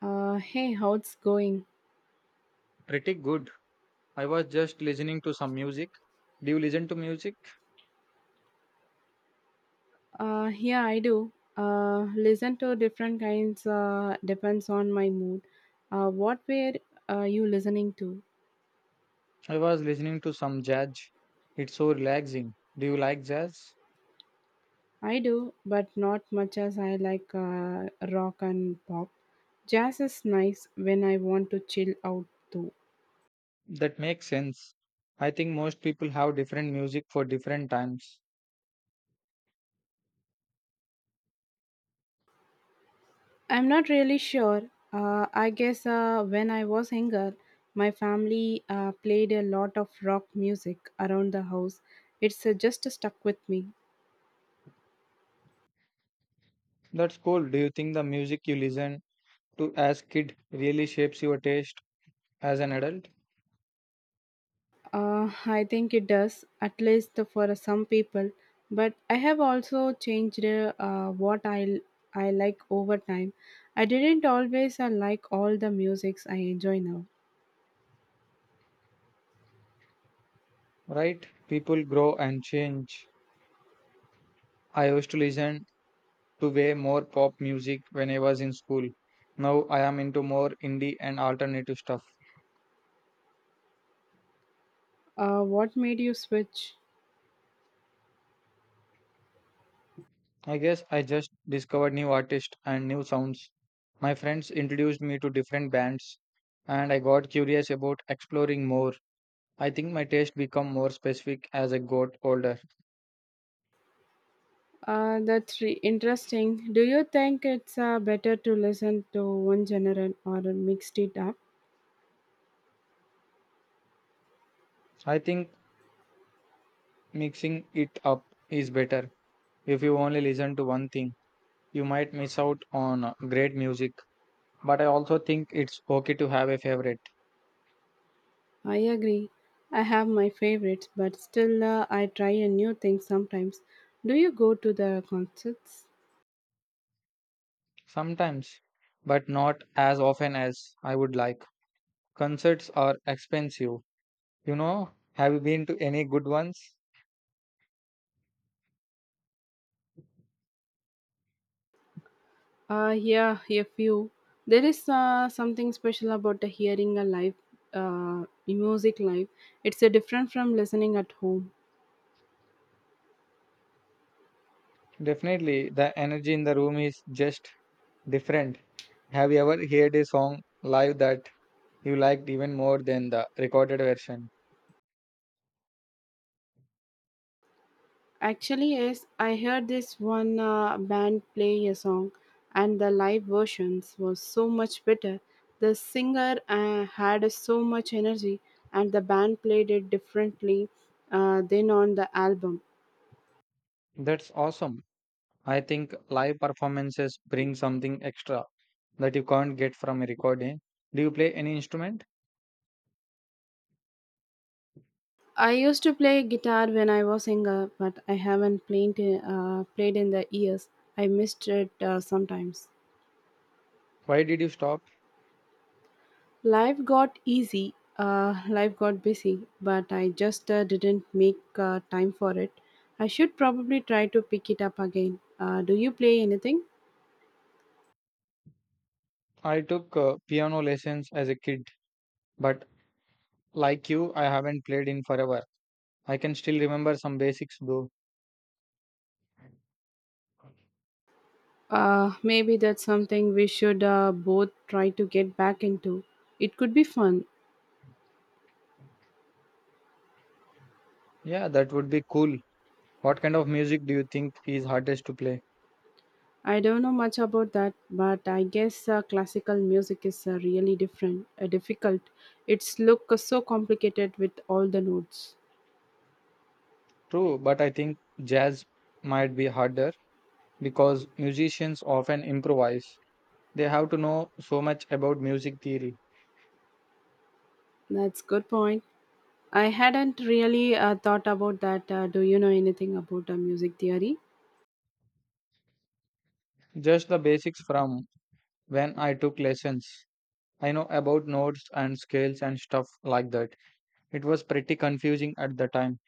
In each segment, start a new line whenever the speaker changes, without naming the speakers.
Hey, how it's going?
Pretty good. I was just listening to some music. Do you listen to music?
Yeah, I do. Listen to different kinds. Depends on my mood. What were you listening to?
I was listening to some jazz. It's so relaxing. Do you like jazz?
I do, but not much as I like rock and pop. Jazz is nice when I want to chill out too.
That makes sense. I think most people have different music for different times.
I'm not really sure. I guess when I was younger, my family played a lot of rock music around the house. It's just stuck with me.
That's cool. Do you think the music you listen to as kid really shapes your taste as an adult?
I think it does, at least for some people. But I have also changed what I like over time. I didn't always like all the musics I enjoy now.
Right? People grow and change. I used to listen to way more pop music when I was in school. Now I am into more indie and alternative stuff.
What made you switch?
I guess I just discovered new artists and new sounds. My friends introduced me to different bands and I got curious about exploring more. I think my taste become more specific as I got older.
That's interesting. Do you think it's better to listen to one genre or mixed it up?
I think mixing it up is better. If you only listen to one thing, you might miss out on great music. But I also think it's okay to have a favorite
I agree. I have my favorites, but still I try a new thing sometimes. Do you go to the concerts?
sometimes, but not as often as I would like. Concerts are expensive. You know, have you been to any good ones?
Yeah, a few. There is something special about the hearing a live music live. It's a different from listening at home.
Definitely, the energy in the room is just different. Have you ever heard a song live that you liked even more than the recorded version?
Actually, yes, I heard this one band play a song, and the live versions was so much better. The singer had so much energy, and the band played it differently than on the album.
That's awesome. I think live performances bring something extra that you can't get from a recording. Do you play any instrument?
I used to play guitar when I was younger, but I haven't played in the years. I missed it sometimes.
Why did you stop?
Life got easy. Life got busy, but I just didn't make time for it. I should probably try to pick it up again. Do you play anything?
I took piano lessons as a kid, but like you, I haven't played in forever. I can still remember some basics though.
Maybe that's something we should both try to get back into. It could be fun.
Yeah, that would be cool. What kind of music do you think is hardest to play?
I don't know much about that, but I guess classical music is really difficult. It's look so complicated with all the notes.
True, but I think jazz might be harder because musicians often improvise. They have to know so much about music theory.
That's good point. I hadn't really thought about that. Do you know anything about music theory?
Just the basics from when I took lessons. I know about notes and scales and stuff like that. It was pretty confusing at the time.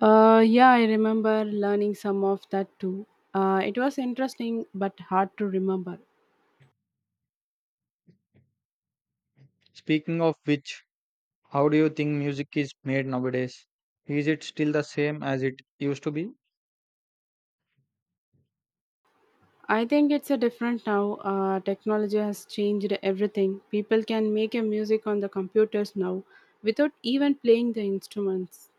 Yeah, I remember learning some of that too. It was interesting but hard to remember.
Speaking of which, how do you think music is made nowadays? Is it still the same as it used to be?
I think it's a different now. Technology has changed everything. People can make a music on the computers now without even playing the instruments.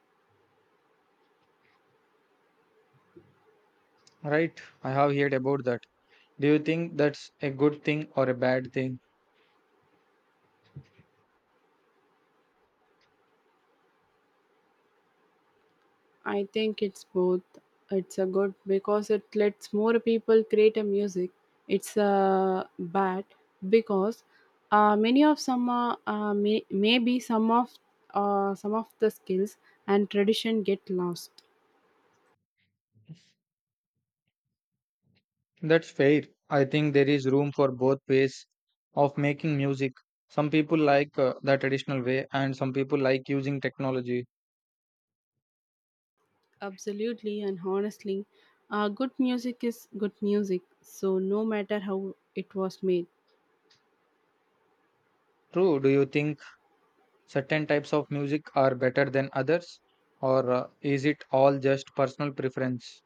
Right, I have heard about that. Do you think that's a good thing or a bad thing?
I think it's both. It's a good because it lets more people create a music. It's a bad because many of some may, maybe some of the skills and tradition get lost.
That's fair. I think there is room for both ways of making music. Some people like the traditional way and some people like using technology.
Absolutely and honestly, good music is good music, so no matter how it was made.
True, do you think certain types of music are better than others? Or is it all just personal preference?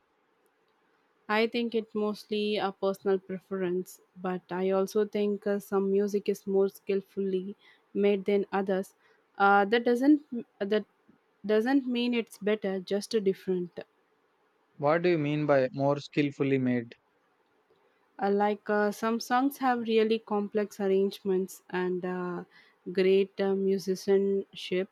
I think it mostly a personal preference, but I also think some music is more skillfully made than others. Uh, that doesn't that doesn't mean it's better, just a different.
What do you mean by more skillfully made?
Like, some songs have really complex arrangements and great musicianship.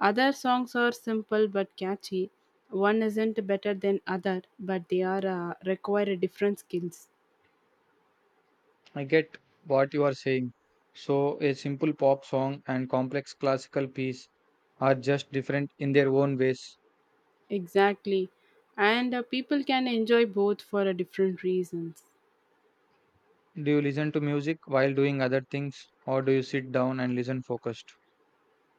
Other songs are simple but catchy. One isn't better than other, but they are require a different skills.
I get what you are saying. So, a simple pop song and complex classical piece are just different in their own ways.
Exactly, and people can enjoy both for different reasons.
Do you listen to music while doing other things or do you sit down and listen focused?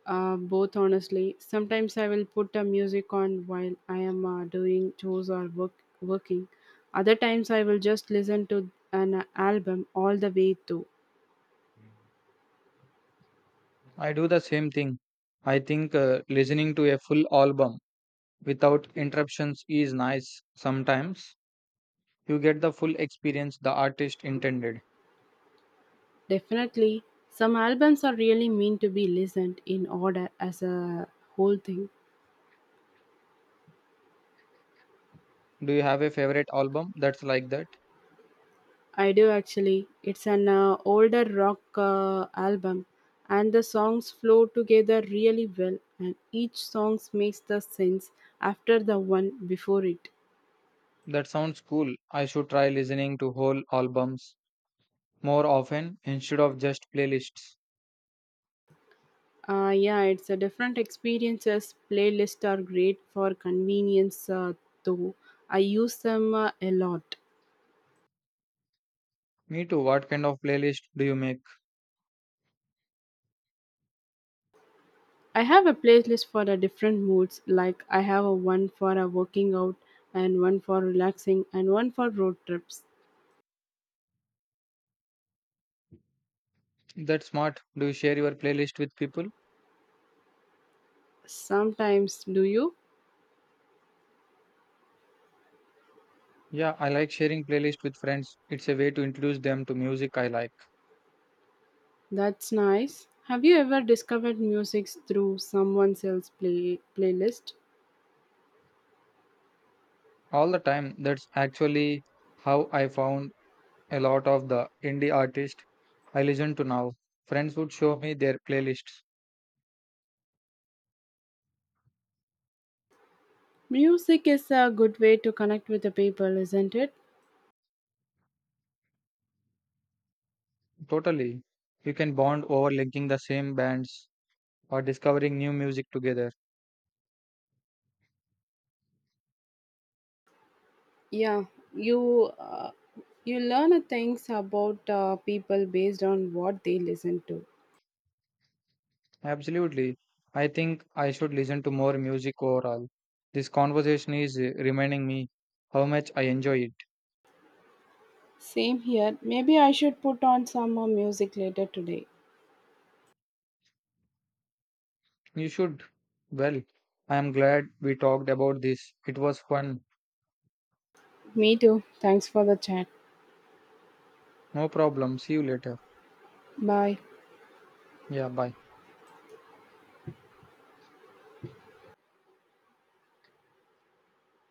Both, honestly. Sometimes I will put a music on while I am doing chores or work, working. Other times I will just listen to an album all the way through.
I do the same thing. I think listening to a full album without interruptions is nice sometimes. You get the full experience the artist intended.
Definitely, some albums are really meant to be listened in order as a whole thing.
Do you have a favorite album that's like that?
I do actually. It's an older rock album, and the songs flow together really well, and each song makes the sense after the one before it.
That sounds cool. I should try listening to whole albums more often instead of just playlists.
Yeah, it's a different experiences. Playlists are great for convenience, though. I use them a lot.
Me too. What kind of playlist do you make?
I have a playlist for the different moods. Like I have a one for a working out, and one for relaxing, and one for road trips.
That's smart. Do you share your playlist with people?
Sometimes, do you?
Yeah, I like sharing playlists with friends. It's a way to introduce them to music I like
That's nice. Have you ever discovered music through someone else's playlist?
all the time. That's actually how I found a lot of the indie artists I listen to now. Friends would show me their playlists.
Music is a good way to connect with the people, isn't it?
Totally. You can bond over linking the same bands or discovering new music together.
Yeah, you uh, you learn a things about people based on what they listen to.
Absolutely. I think I should listen to more music overall. This conversation is reminding me how much I enjoy it.
Same here. Maybe I should put on some more music later today.
You should. Well, I am glad we talked about this. It was fun.
Me too. Thanks for the chat.
No problem. See you later.
Bye.
Yeah, bye.